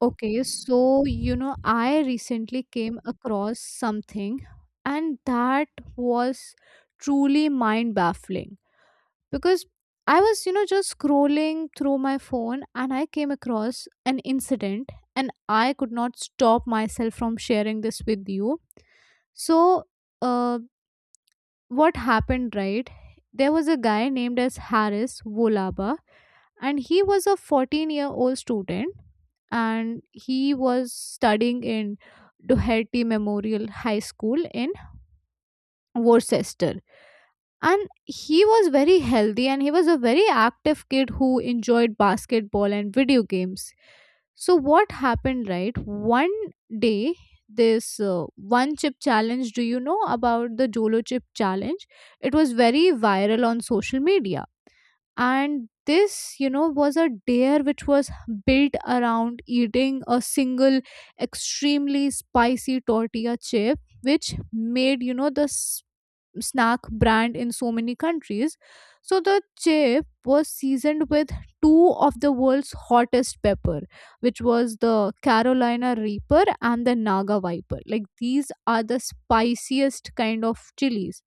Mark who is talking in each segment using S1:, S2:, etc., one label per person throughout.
S1: Okay, so you know, I recently came across something, and that was truly mind baffling because I was, you know, just scrolling through my phone and I came across an incident, and I could not stop myself from sharing this with you. So, uh, what happened right there was a guy named as harris volaba and he was a 14-year-old year old student and he was studying in Doherty Memorial High School in Worcester, and he was very healthy and he was a very active kid who enjoyed basketball and video games. So what happened right one day, this one chip challenge, do you know about the Jolo chip challenge? It was very viral on social media, and this, you know, was a dare which was built around eating a single extremely spicy tortilla chip which made, you know, snack brand in so many countries. So the chip was seasoned with two of the world's hottest pepper, which was the Carolina Reaper and the Naga Viper. Like these are the spiciest kind of chilies.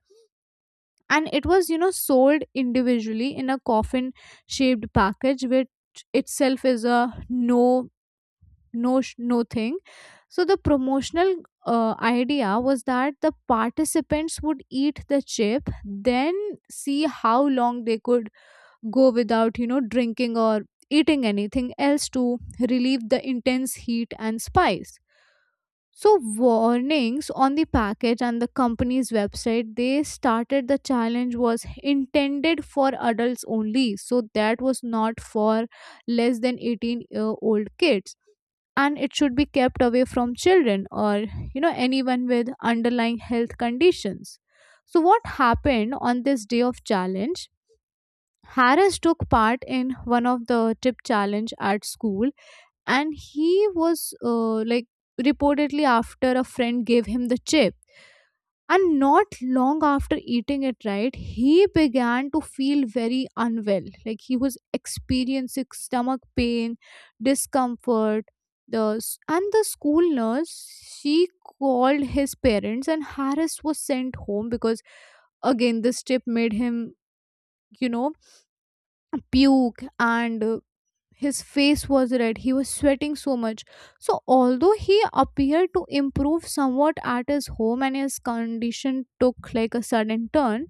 S1: And it was, you know, sold individually in a coffin shaped package, which itself is a no thing. So the promotional idea was that the participants would eat the chip, then see how long they could go without, you know, drinking or eating anything else to relieve the intense heat and spice. So warnings on the package and the company's website, they started the challenge was intended for adults only, so that was not for less than 18-year-old year old kids, and it should be kept away from children or, you know, anyone with underlying health conditions. So what happened on this day of challenge, Harris took part in one of the tip challenge at school, and he was like reportedly after a friend gave him the chip, and not long after eating it, right, he began to feel very unwell. Like he was experiencing stomach pain, discomfort. And the school nurse, she called his parents, and Harris was sent home because, again, this trip made him, you know, puke, and his face was red. He was sweating so much. So, although he appeared to improve somewhat at his home and his condition took like a sudden turn,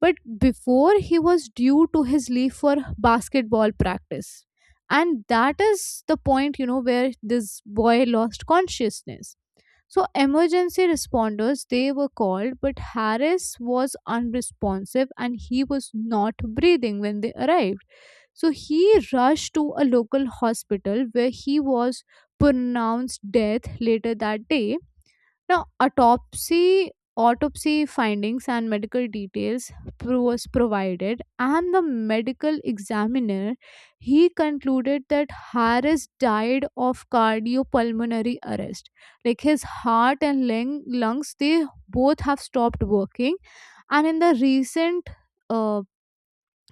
S1: but before he was due to his leave for basketball practice. And that is the point, you know, where this boy lost consciousness. So emergency responders, they were called, but Harris was unresponsive and he was not breathing when they arrived. So he rushed to a local hospital where he was pronounced death later that day. Now, autopsy findings and medical details was provided, and the medical examiner, he concluded that Harris died of cardiopulmonary arrest. Like his heart and lungs, they both have stopped working, and in the recent uh,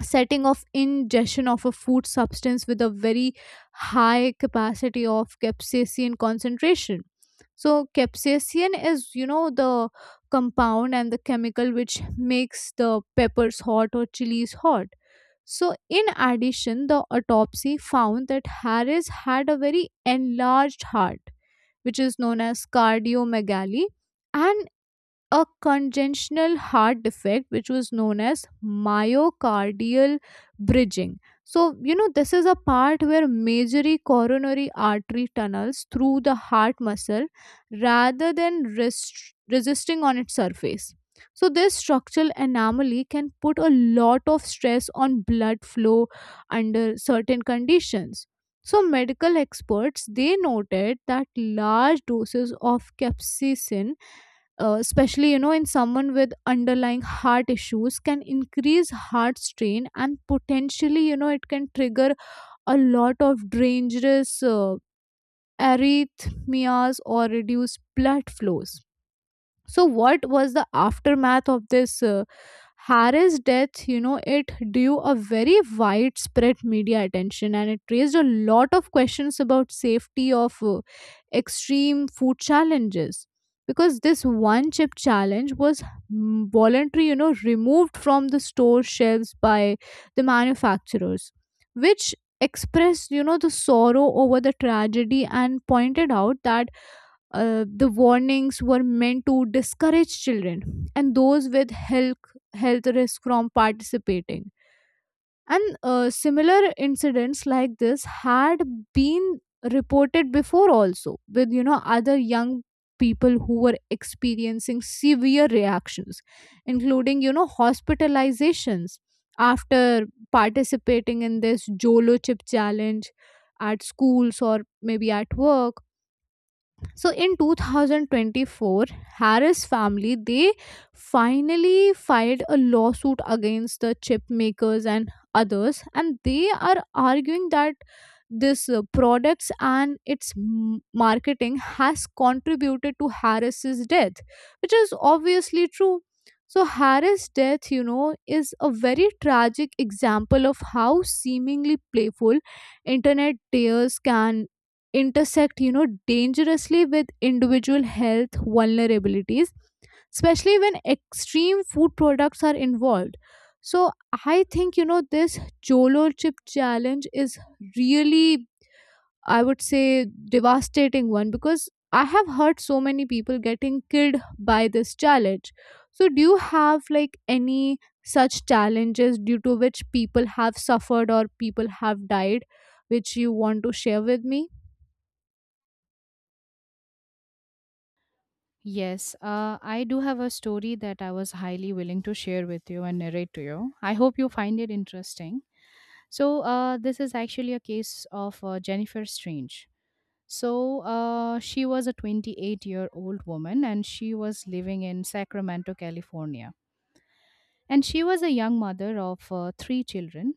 S1: setting of ingestion of a food substance with a very high capacity of capsaicin concentration. So capsaicin is, you know, the compound and the chemical which makes the peppers hot or chilies hot. So in addition, the autopsy found that Harris had a very enlarged heart, which is known as cardiomegaly, and a congenital heart defect which was known as myocardial bridging. So, you know, this is a part where majorly coronary artery tunnels through the heart muscle rather than resisting on its surface. So this structural anomaly can put a lot of stress on blood flow under certain conditions. So medical experts, they noted that large doses of capsaicin, especially, you know, in someone with underlying heart issues, can increase heart strain and potentially, you know, it can trigger a lot of dangerous arrhythmias or reduced blood flows. So what was the aftermath of this Harris' death? You know, it drew a very widespread media attention and it raised a lot of questions about safety of extreme food challenges, because this one chip challenge was voluntary, you know, removed from the store shelves by the manufacturers, which expressed, you know, the sorrow over the tragedy and pointed out that the warnings were meant to discourage children and those with health risk from participating. And similar incidents like this had been reported before also, with, you know, other young people who were experiencing severe reactions, including, you know, hospitalizations after participating in this Jolo chip challenge at schools or maybe at work. So in 2024, Harris family, they finally filed a lawsuit against the chip makers and others, and they are arguing that this products and its marketing has contributed to Harris's death, which is obviously true. So Harris's death, you know, is a very tragic example of how seemingly playful internet tears can intersect, you know, dangerously with individual health vulnerabilities, especially when extreme food products are involved. So I think, you know, this Jolo chip challenge is really, I would say, devastating one, because I have heard so many people getting killed by this challenge. So do you have like any such challenges due to which people have suffered or people have died which you want to share with me?
S2: Yes, I do have a story that I was highly willing to share with you and narrate to you. I hope you find it interesting. So, this is actually a case of Jennifer Strange. So, she was a 28-year-old woman and she was living in Sacramento, California. And she was a young mother of three children.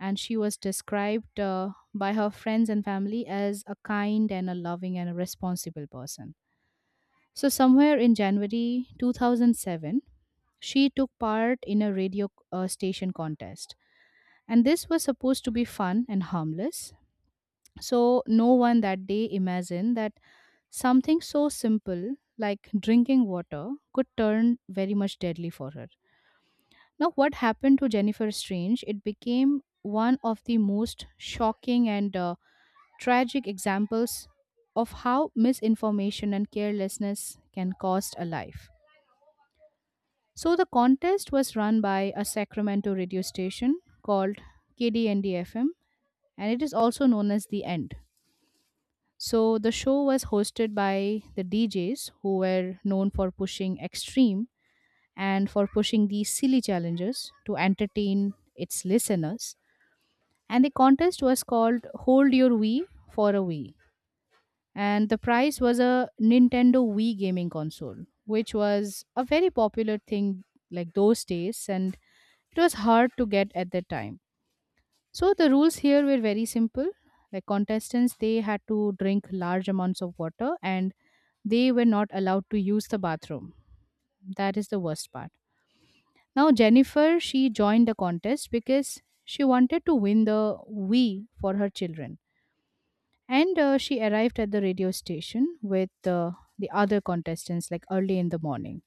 S2: And she was described by her friends and family as a kind and a loving and a responsible person, so somewhere in January 2007, she took part in a radio station contest. And this was supposed to be fun and harmless. So, no one that day imagined that something so simple like drinking water could turn very much deadly for her. Now, what happened to Jennifer Strange? It became one of the most shocking and tragic examples of how misinformation and carelessness can cost a life. So the contest was run by a Sacramento radio station called KDND-FM, and it is also known as The End. So the show was hosted by the DJs who were known for pushing extreme and for pushing these silly challenges to entertain its listeners. And the contest was called Hold Your Wii for a Wii. And the prize was a Nintendo Wii gaming console, which was a very popular thing like those days, and it was hard to get at that time. So the rules here were very simple. Like contestants, they had to drink large amounts of water and they were not allowed to use the bathroom. That is the worst part. Now, Jennifer, she joined the contest because she wanted to win the Wii for her children. And she arrived at the radio station with the other contestants like early in the morning.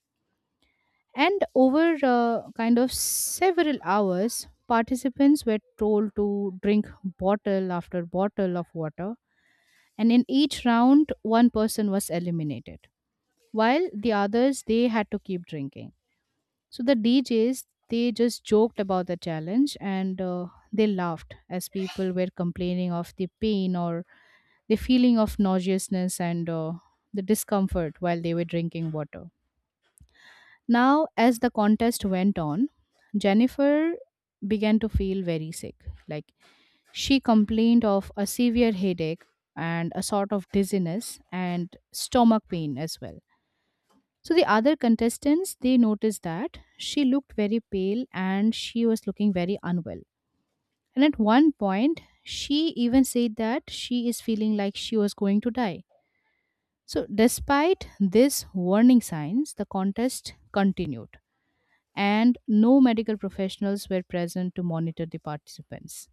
S2: And over kind of several hours, participants were told to drink bottle after bottle of water, and in each round, one person was eliminated, while the others they had to keep drinking. So the DJs they just joked about the challenge and they laughed as people were complaining of the pain or the feeling of nauseousness and the discomfort while they were drinking water. Now, as the contest went on, Jennifer began to feel very sick. Like, she complained of a severe headache and a sort of dizziness and stomach pain as well. So the other contestants they noticed that she looked very pale and she was looking very unwell. And at one point she even said that she is feeling like she was going to die. So despite these warning signs the contest continued and no medical professionals were present to monitor the participants.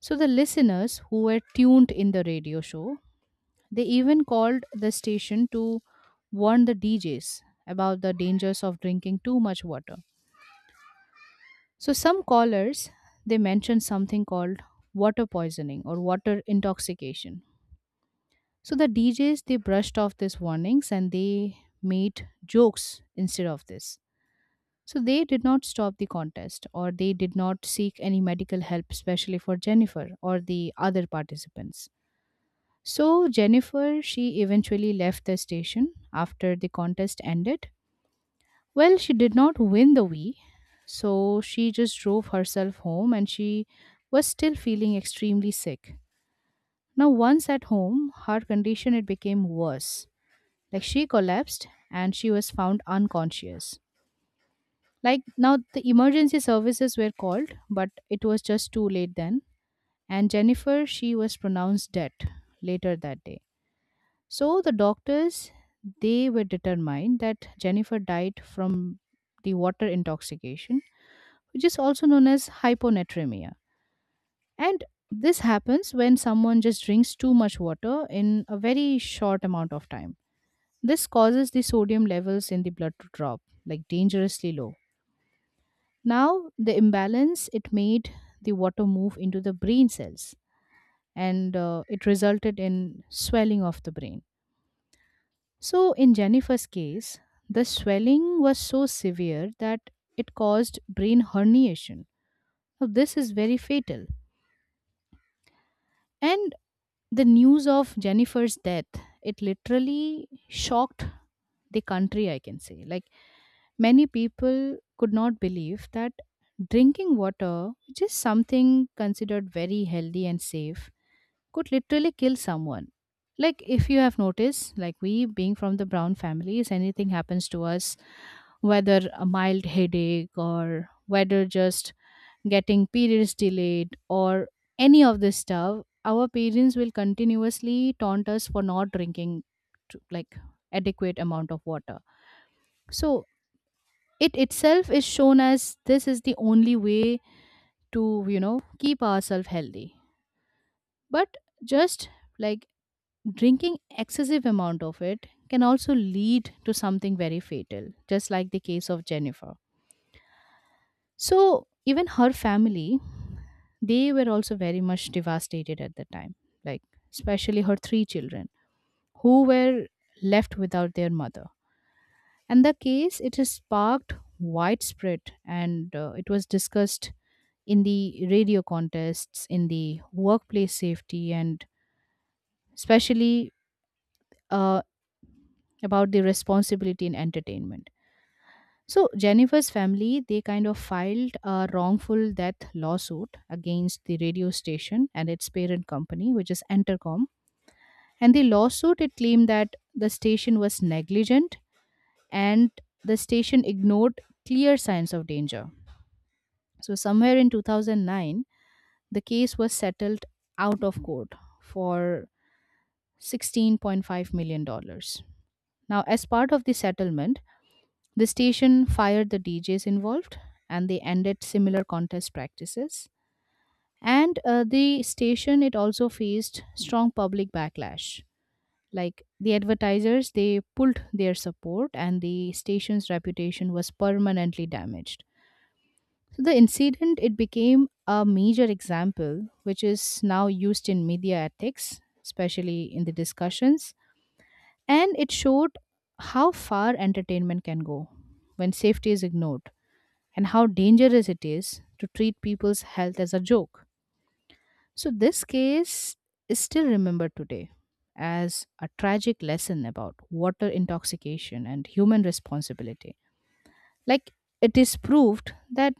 S2: So the listeners who were tuned in the radio show, they even called the station to warn the DJs about the dangers of drinking too much water. So some callers they mentioned something called water poisoning or water intoxication. So the DJs they brushed off these warnings and they made jokes instead of this. So they did not stop the contest, or they did not seek any medical help, especially for Jennifer or the other participants. So Jennifer, she eventually left the station after the contest ended. Well, she did not win the Wii, so she just drove herself home and she was still feeling extremely sick. Now, once at home, her condition it became worse. Like she collapsed and she was found unconscious. Like now, the emergency services were called, but it was just too late then. And Jennifer, she was pronounced dead later that day. So the doctors, they were determined that Jennifer died from the water intoxication, which is also known as hyponatremia. And this happens when someone just drinks too much water in a very short amount of time. This causes the sodium levels in the blood to drop, like dangerously low. Now, the imbalance it made the water move into the brain cells and it resulted in swelling of the brain. So, in Jennifer's case, the swelling was so severe that it caused brain herniation. Now, this is very fatal. And the news of Jennifer's death, it literally shocked the country, I can say. Like, many people could not believe that drinking water, which is something considered very healthy and safe, could literally kill someone. Like, if you have noticed, like we being from the Brown families, anything happens to us, whether a mild headache or whether just getting periods delayed or any of this stuff, our parents will continuously taunt us for not drinking like adequate amount of water, so it itself is shown as this is the only way to keep ourselves healthy, but just like drinking excessive amount of it can also lead to something very fatal just like the case of Jennifer. So even her family, they were also very much devastated at the time, like especially her three children who were left without their mother. And the case, it has sparked widespread and it was discussed in the radio contests, in the workplace safety, and especially uh, about the responsibility in entertainment. So, Jennifer's family, they kind of filed a wrongful death lawsuit against the radio station and its parent company, which is Entercom. And the lawsuit, it claimed that the station was negligent and the station ignored clear signs of danger. So, somewhere in 2009, the case was settled out of court for $16.5 million dollars. Now, as part of the settlement, the station fired the DJs involved and they ended similar contest practices. And the station, it also faced strong public backlash. Like the advertisers, they pulled their support and the station's reputation was permanently damaged. So the incident it became a major example which is now used in media ethics, especially in the discussions, and it showed how far entertainment can go when safety is ignored and how dangerous it is to treat people's health as a joke. So this case is still remembered today as a tragic lesson about water intoxication and human responsibility. Like, it is proved that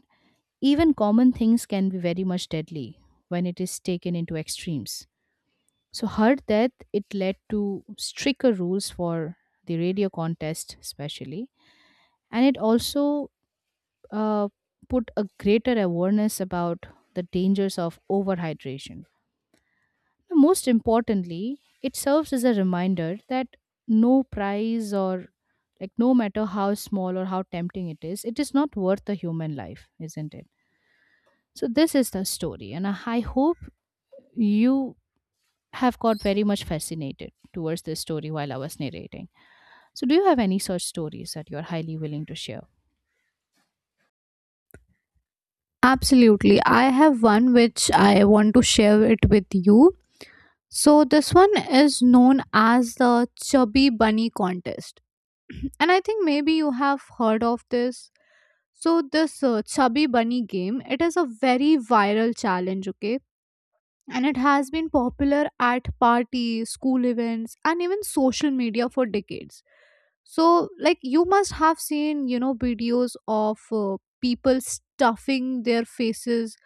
S2: even common things can be very much deadly when it is taken into extremes. So, her death it led to stricter rules for the radio contest, especially, and it also uh, put a greater awareness about the dangers of overhydration. Most importantly, it serves as a reminder that no prize, or like no matter how small or how tempting it is not worth a human life, isn't it? So this is the story, and I hope you have got very much fascinated towards this story while I was narrating. So do you have any such stories that you're highly willing to share?
S1: Absolutely. I have one which I want to share it with you. So this one is known as the Chubby Bunny contest. And I think maybe you have heard of this. So this Chubby Bunny game, it is a very viral challenge, okay? And it has been popular at parties, school events, and even social media for decades. So like, you must have seen, you know, videos of people stuffing their faces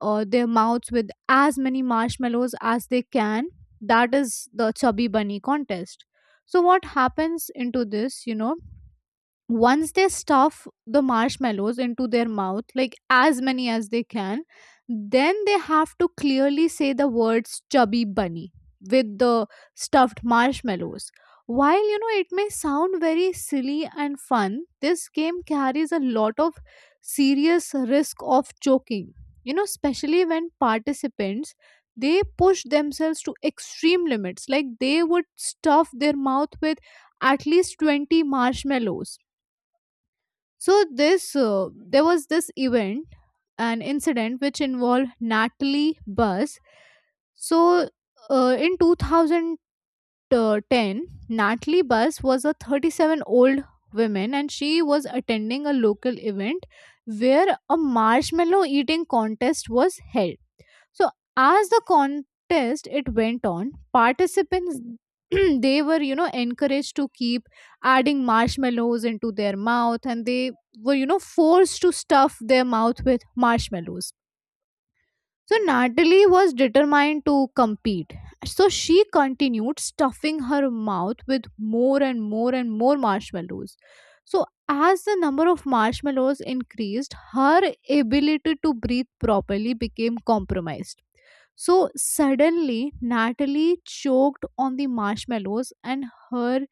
S1: or their mouths with as many marshmallows as they can. That is the Chubby Bunny contest. So what happens into this, you know, once they stuff the marshmallows into their mouth like as many as they can, then they have to clearly say the words chubby bunny with the stuffed marshmallows. While, you know, it may sound very silly and fun, this game carries a lot of serious risk of choking, you know, especially when participants, they push themselves to extreme limits, like they would stuff their mouth with at least 20 marshmallows. So this there was this event, an incident which involved Natalie Bus. So in 2010, Natalie Bus was a 37 old woman and she was attending a local event where a marshmallow eating contest was held. So as the contest it went on, participants they were, you know, encouraged to keep adding marshmallows into their mouth, and they were, you know, forced to stuff their mouth with marshmallows. So Natalie was determined to compete. So she continued stuffing her mouth with more and more and more marshmallows. So as the number of marshmallows increased, her ability to breathe properly became compromised. So suddenly, Natalie choked on the marshmallows and her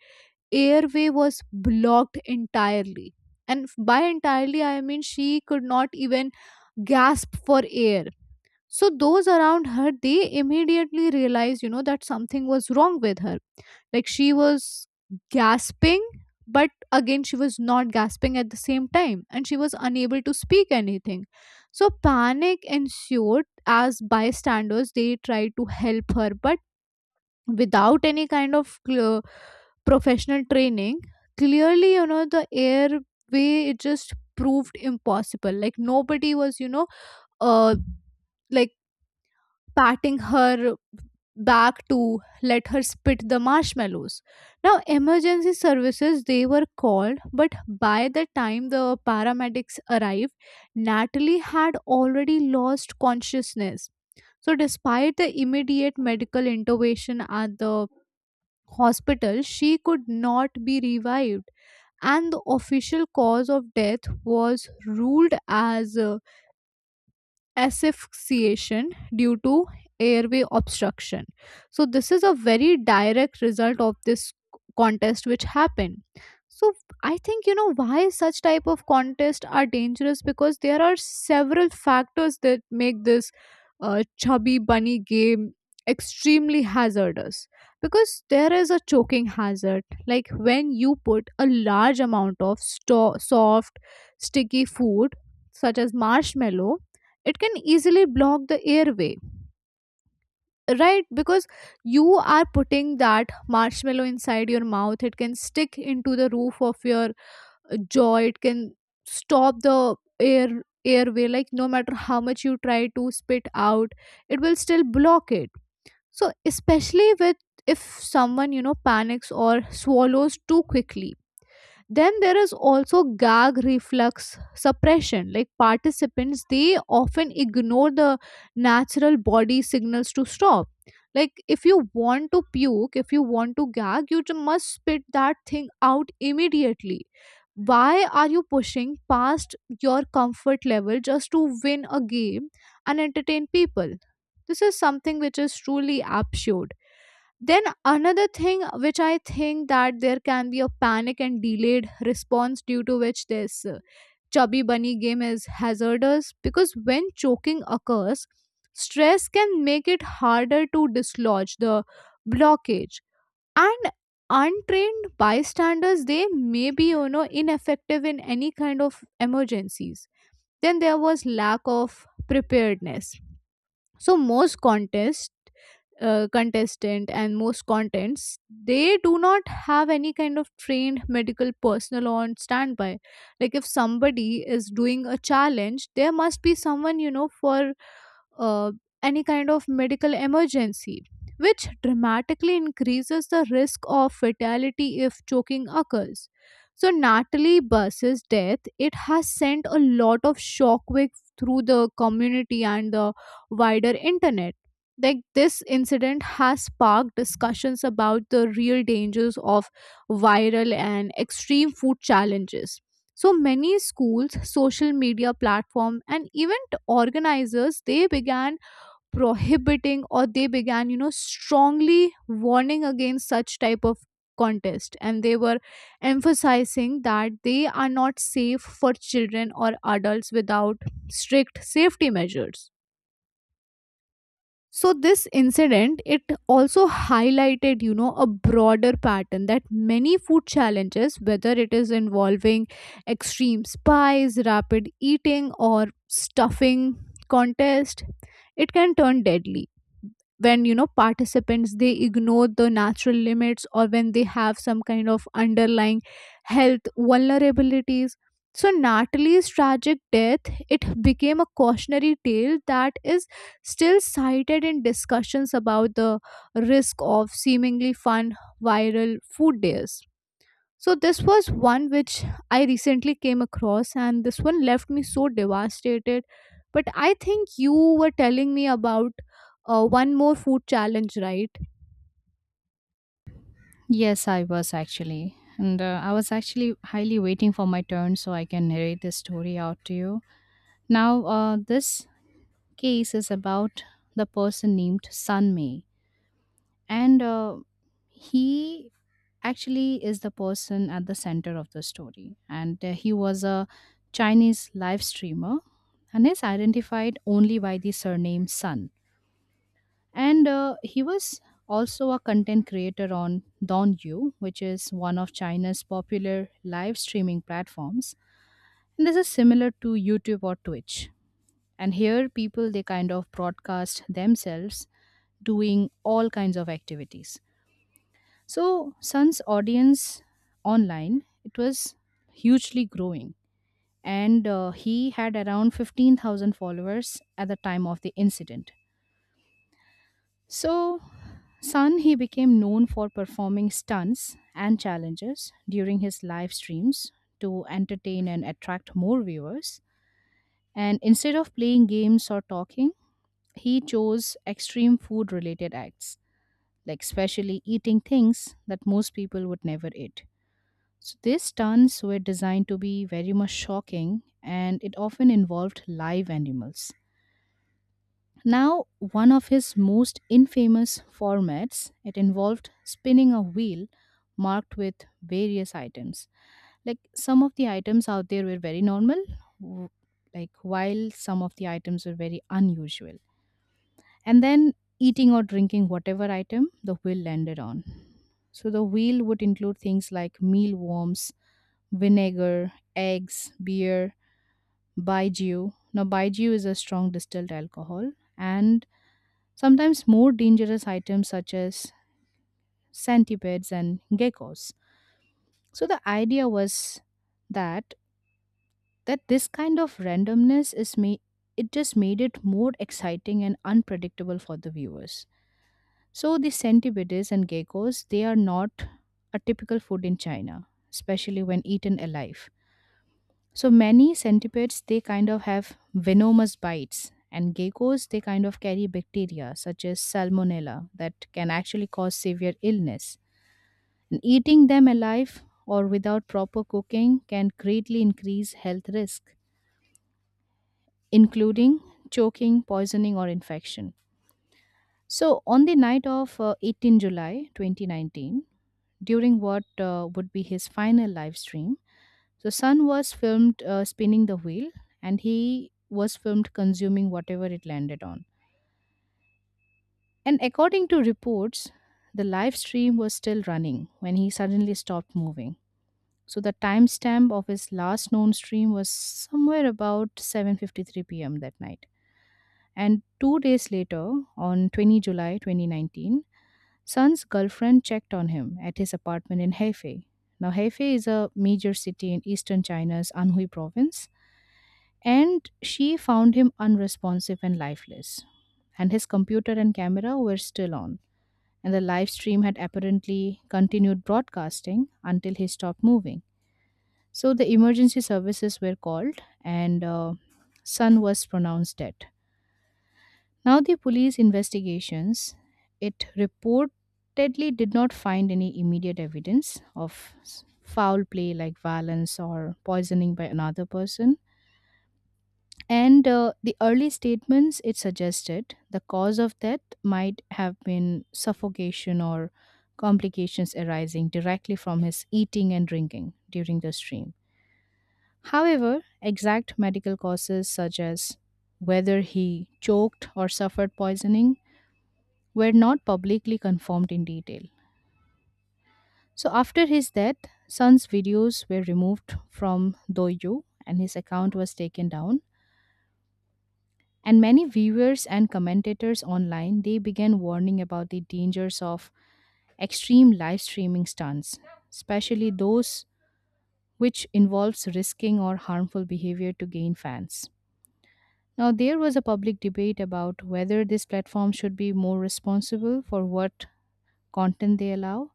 S1: airway was blocked entirely. And by entirely, I mean she could not even gasp for air. So those around her, they immediately realized, you know, that something was wrong with her. Like she was gasping, but again, she was not gasping at the same time and she was unable to speak anything. So panic ensued as bystanders, they tried to help her, but without any kind of clear professional training, clearly, you know, the airway, it just proved impossible. Like nobody was, you know, uh, like patting her back to let her spit the marshmallows. Now, emergency services, they were called, but by the time the paramedics arrived, Natalie had already lost consciousness. So, despite the immediate medical intervention at the hospital, she could not be revived, and the official cause of death was ruled as asphyxiation due to airway obstruction. So, this is a very direct result of this contest which happened. So, I think you know why such type of contests are dangerous, because there are several factors that make this chubby bunny game extremely hazardous, because there is a choking hazard, like when you put a large amount of soft sticky food such as marshmallow, it can easily block the airway, right? Because you are putting that marshmallow inside your mouth, it can stick into the roof of your jaw, it can stop the air airway, like no matter how much you try to spit out, it will still block it. So especially with, if someone, you know, panics or swallows too quickly, then there is also gag reflux suppression. Like participants, they often ignore the natural body signals to stop. Like if you want to puke, if you want to gag, you must spit that thing out immediately. Why are you pushing past your comfort level just to win a game and entertain people? This is something which is truly absurd. Then another thing which I think that there can be a panic and delayed response due to which this chubby bunny game is hazardous, because when choking occurs, stress can make it harder to dislodge the blockage, and untrained bystanders, they may be, you know, ineffective in any kind of emergencies. Then there was lack of preparedness. So most contest, contestant and most contents, they do not have any kind of trained medical personnel on standby. Like if somebody is doing a challenge, there must be someone, you know, for uh, any kind of medical emergency, which dramatically increases the risk of fatality if choking occurs. So, Natalie Buss's death, it has sent a lot of shockwave through the community and the wider internet. Like this incident has sparked discussions about the real dangers of viral and extreme food challenges. So many schools, social media platform and event organizers, they began prohibiting, or they began, you know, strongly warning against such type of contest, and they were emphasizing that they are not safe for children or adults without strict safety measures. So this incident, it also highlighted, you know, a broader pattern that many food challenges, whether it is involving extreme spice, rapid eating or stuffing contest, it can turn deadly when, you know, participants, they ignore the natural limits or when they have some kind of underlying health vulnerabilities. So Natalie's tragic death, it became a cautionary tale that is still cited in discussions about the risk of seemingly fun viral food days. So, this was one which I recently came across, and this one left me so devastated. But I think you were telling me about one more food challenge, right?
S2: Yes, I was actually. And I was actually highly waiting for my turn so I can narrate this story out to you. Now, this case is about the person named Sun Mei. And he actually is the person at the center of the story and he was a Chinese live streamer and is identified only by the surname Sun. And he was also a content creator on Donyu, which is one of China's popular live streaming platforms, and this is similar to YouTube or Twitch. And here people they kind of broadcast themselves doing all kinds of activities. So Sun's audience online it was hugely growing, and he had around 15,000 followers at the time of the incident. So Sun he became known for performing stunts and challenges during his live streams to entertain and attract more viewers. And instead of playing games or talking, he chose extreme food related acts, like specially eating things that most people would never eat. So these stunts were designed to be very much shocking and it often involved live animals. Now, one of his most infamous formats, it involved spinning a wheel marked with various items. Like some of the items out there were very normal, w- like while some of the items were very unusual. And then eating or drinking whatever item the wheel landed on. So the wheel would include things like mealworms, vinegar, eggs, beer, baijiu. Now, baijiu is a strong distilled alcohol, and sometimes more dangerous items such as centipedes and geckos. So, the idea was that that this kind of randomness is me it just made it more exciting and unpredictable for the viewers. So the centipedes and geckos they are not a typical food in China, especially when eaten alive. So many centipedes they kind of have venomous bites and geckos they kind of carry bacteria such as salmonella that can actually cause severe illness. And eating them alive or without proper cooking can greatly increase health risk including choking, poisoning or infection. So on the night of 18 July 2019, during what would be his final live stream, So Sun was filmed spinning the wheel, and he was filmed consuming whatever it landed on. And according to reports, the live stream was still running when he suddenly stopped moving. So the timestamp of his last known stream was somewhere about 7:53 p.m. that night. And 2 days later on 20 July 2019, Sun's girlfriend checked on him at his apartment in Hefei. Now Hefei is a major city in eastern China's Anhui province, and she found him unresponsive and lifeless. And his computer and camera were still on, and the live stream had apparently continued broadcasting until he stopped moving. So the emergency services were called, and Sun was pronounced dead. Now the police investigations, it reportedly did not find any immediate evidence of foul play like violence or poisoning by another person. And the early statements, it suggested the cause of death might have been suffocation or complications arising directly from his eating and drinking during the stream. However, exact medical causes such as whether he choked or suffered poisoning were not publicly confirmed in detail. So after his death, Sun's videos were removed from Douyu and his account was taken down. And many viewers and commentators online, they began warning about the dangers of extreme live streaming stunts, especially those which involves risking or harmful behavior to gain fans. Now there was a public debate about whether this platform should be more responsible for what content they allow,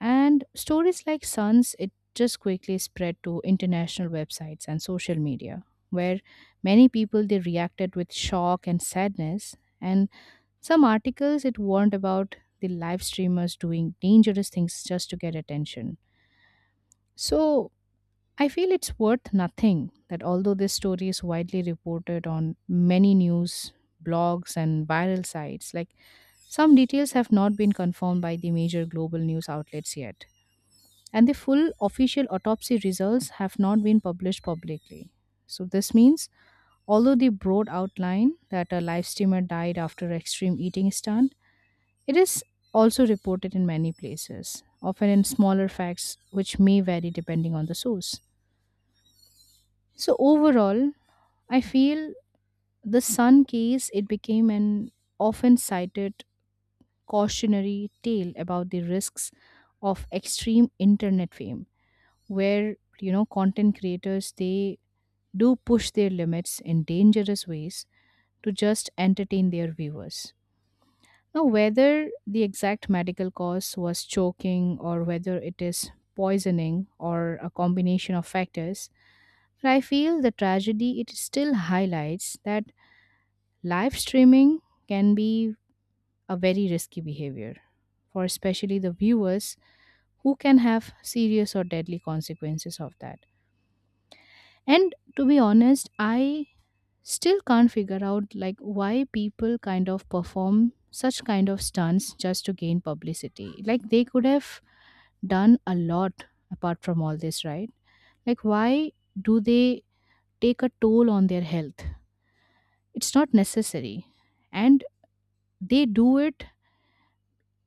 S2: and stories like Suns, it just quickly spread to international websites and social media, where many people, they reacted with shock and sadness. And some articles, it warned about the live streamers doing dangerous things just to get attention. So I feel it's worth nothing that although this story is widely reported on many news blogs and viral sites, like, some details have not been confirmed by the major global news outlets yet. And the full official autopsy results have not been published publicly. So this means although the broad outline that a live streamer died after extreme eating is done, it is also reported in many places, often in smaller facts which may vary depending on the source. So overall, I feel the sun case, it became an often cited cautionary tale about the risks of extreme internet fame, where content creators, they do push their limits in dangerous ways to just entertain their viewers. Now, whether the exact medical cause was choking or whether it is poisoning or a combination of factors, I feel the tragedy, it still highlights that live streaming can be a very risky behavior for especially the viewers, who can have serious or deadly consequences of that. And to be honest, I still can't figure out, like, why people kind of perform such kind of stunts just to gain publicity. Like, they could have done a lot apart from all this, right? Like, why do they take a toll on their health? It's not necessary. And they do it,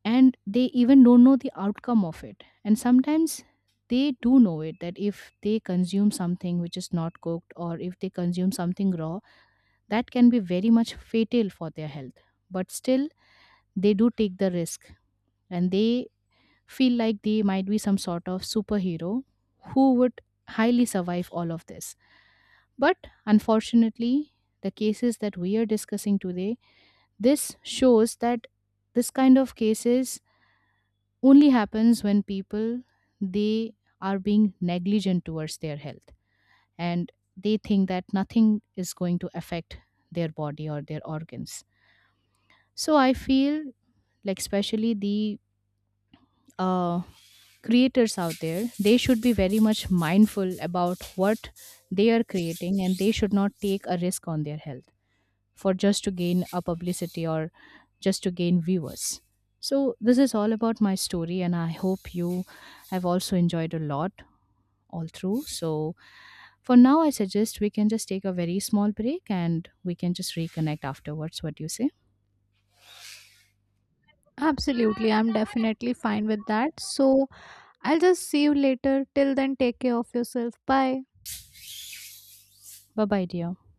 S2: and they even don't know the outcome of it. And sometimes they do know it, that if they consume something which is not cooked or if they consume something raw, that can be very much fatal for their health, but still they do take the risk. And they feel like they might be some sort of superhero who would highly survive all of this. But unfortunately, the cases that we are discussing today, this shows that this kind of cases only happens when people, they are being negligent towards their health, and they think that nothing is going to affect their body or their organs. So I feel like, especially the uh, creators out there, they should be very much mindful about what they are creating, and they should not take a risk on their health for just to gain a publicity or just to gain viewers. So this is all about my story, and I hope you have also enjoyed a lot all through. So for now, I suggest we can just take a very small break and we can just reconnect afterwards. What do you say?
S1: Absolutely, I'm definitely fine with that. So, I'll just see you later. Till then, take care of yourself. Bye.
S2: Bye bye, dear.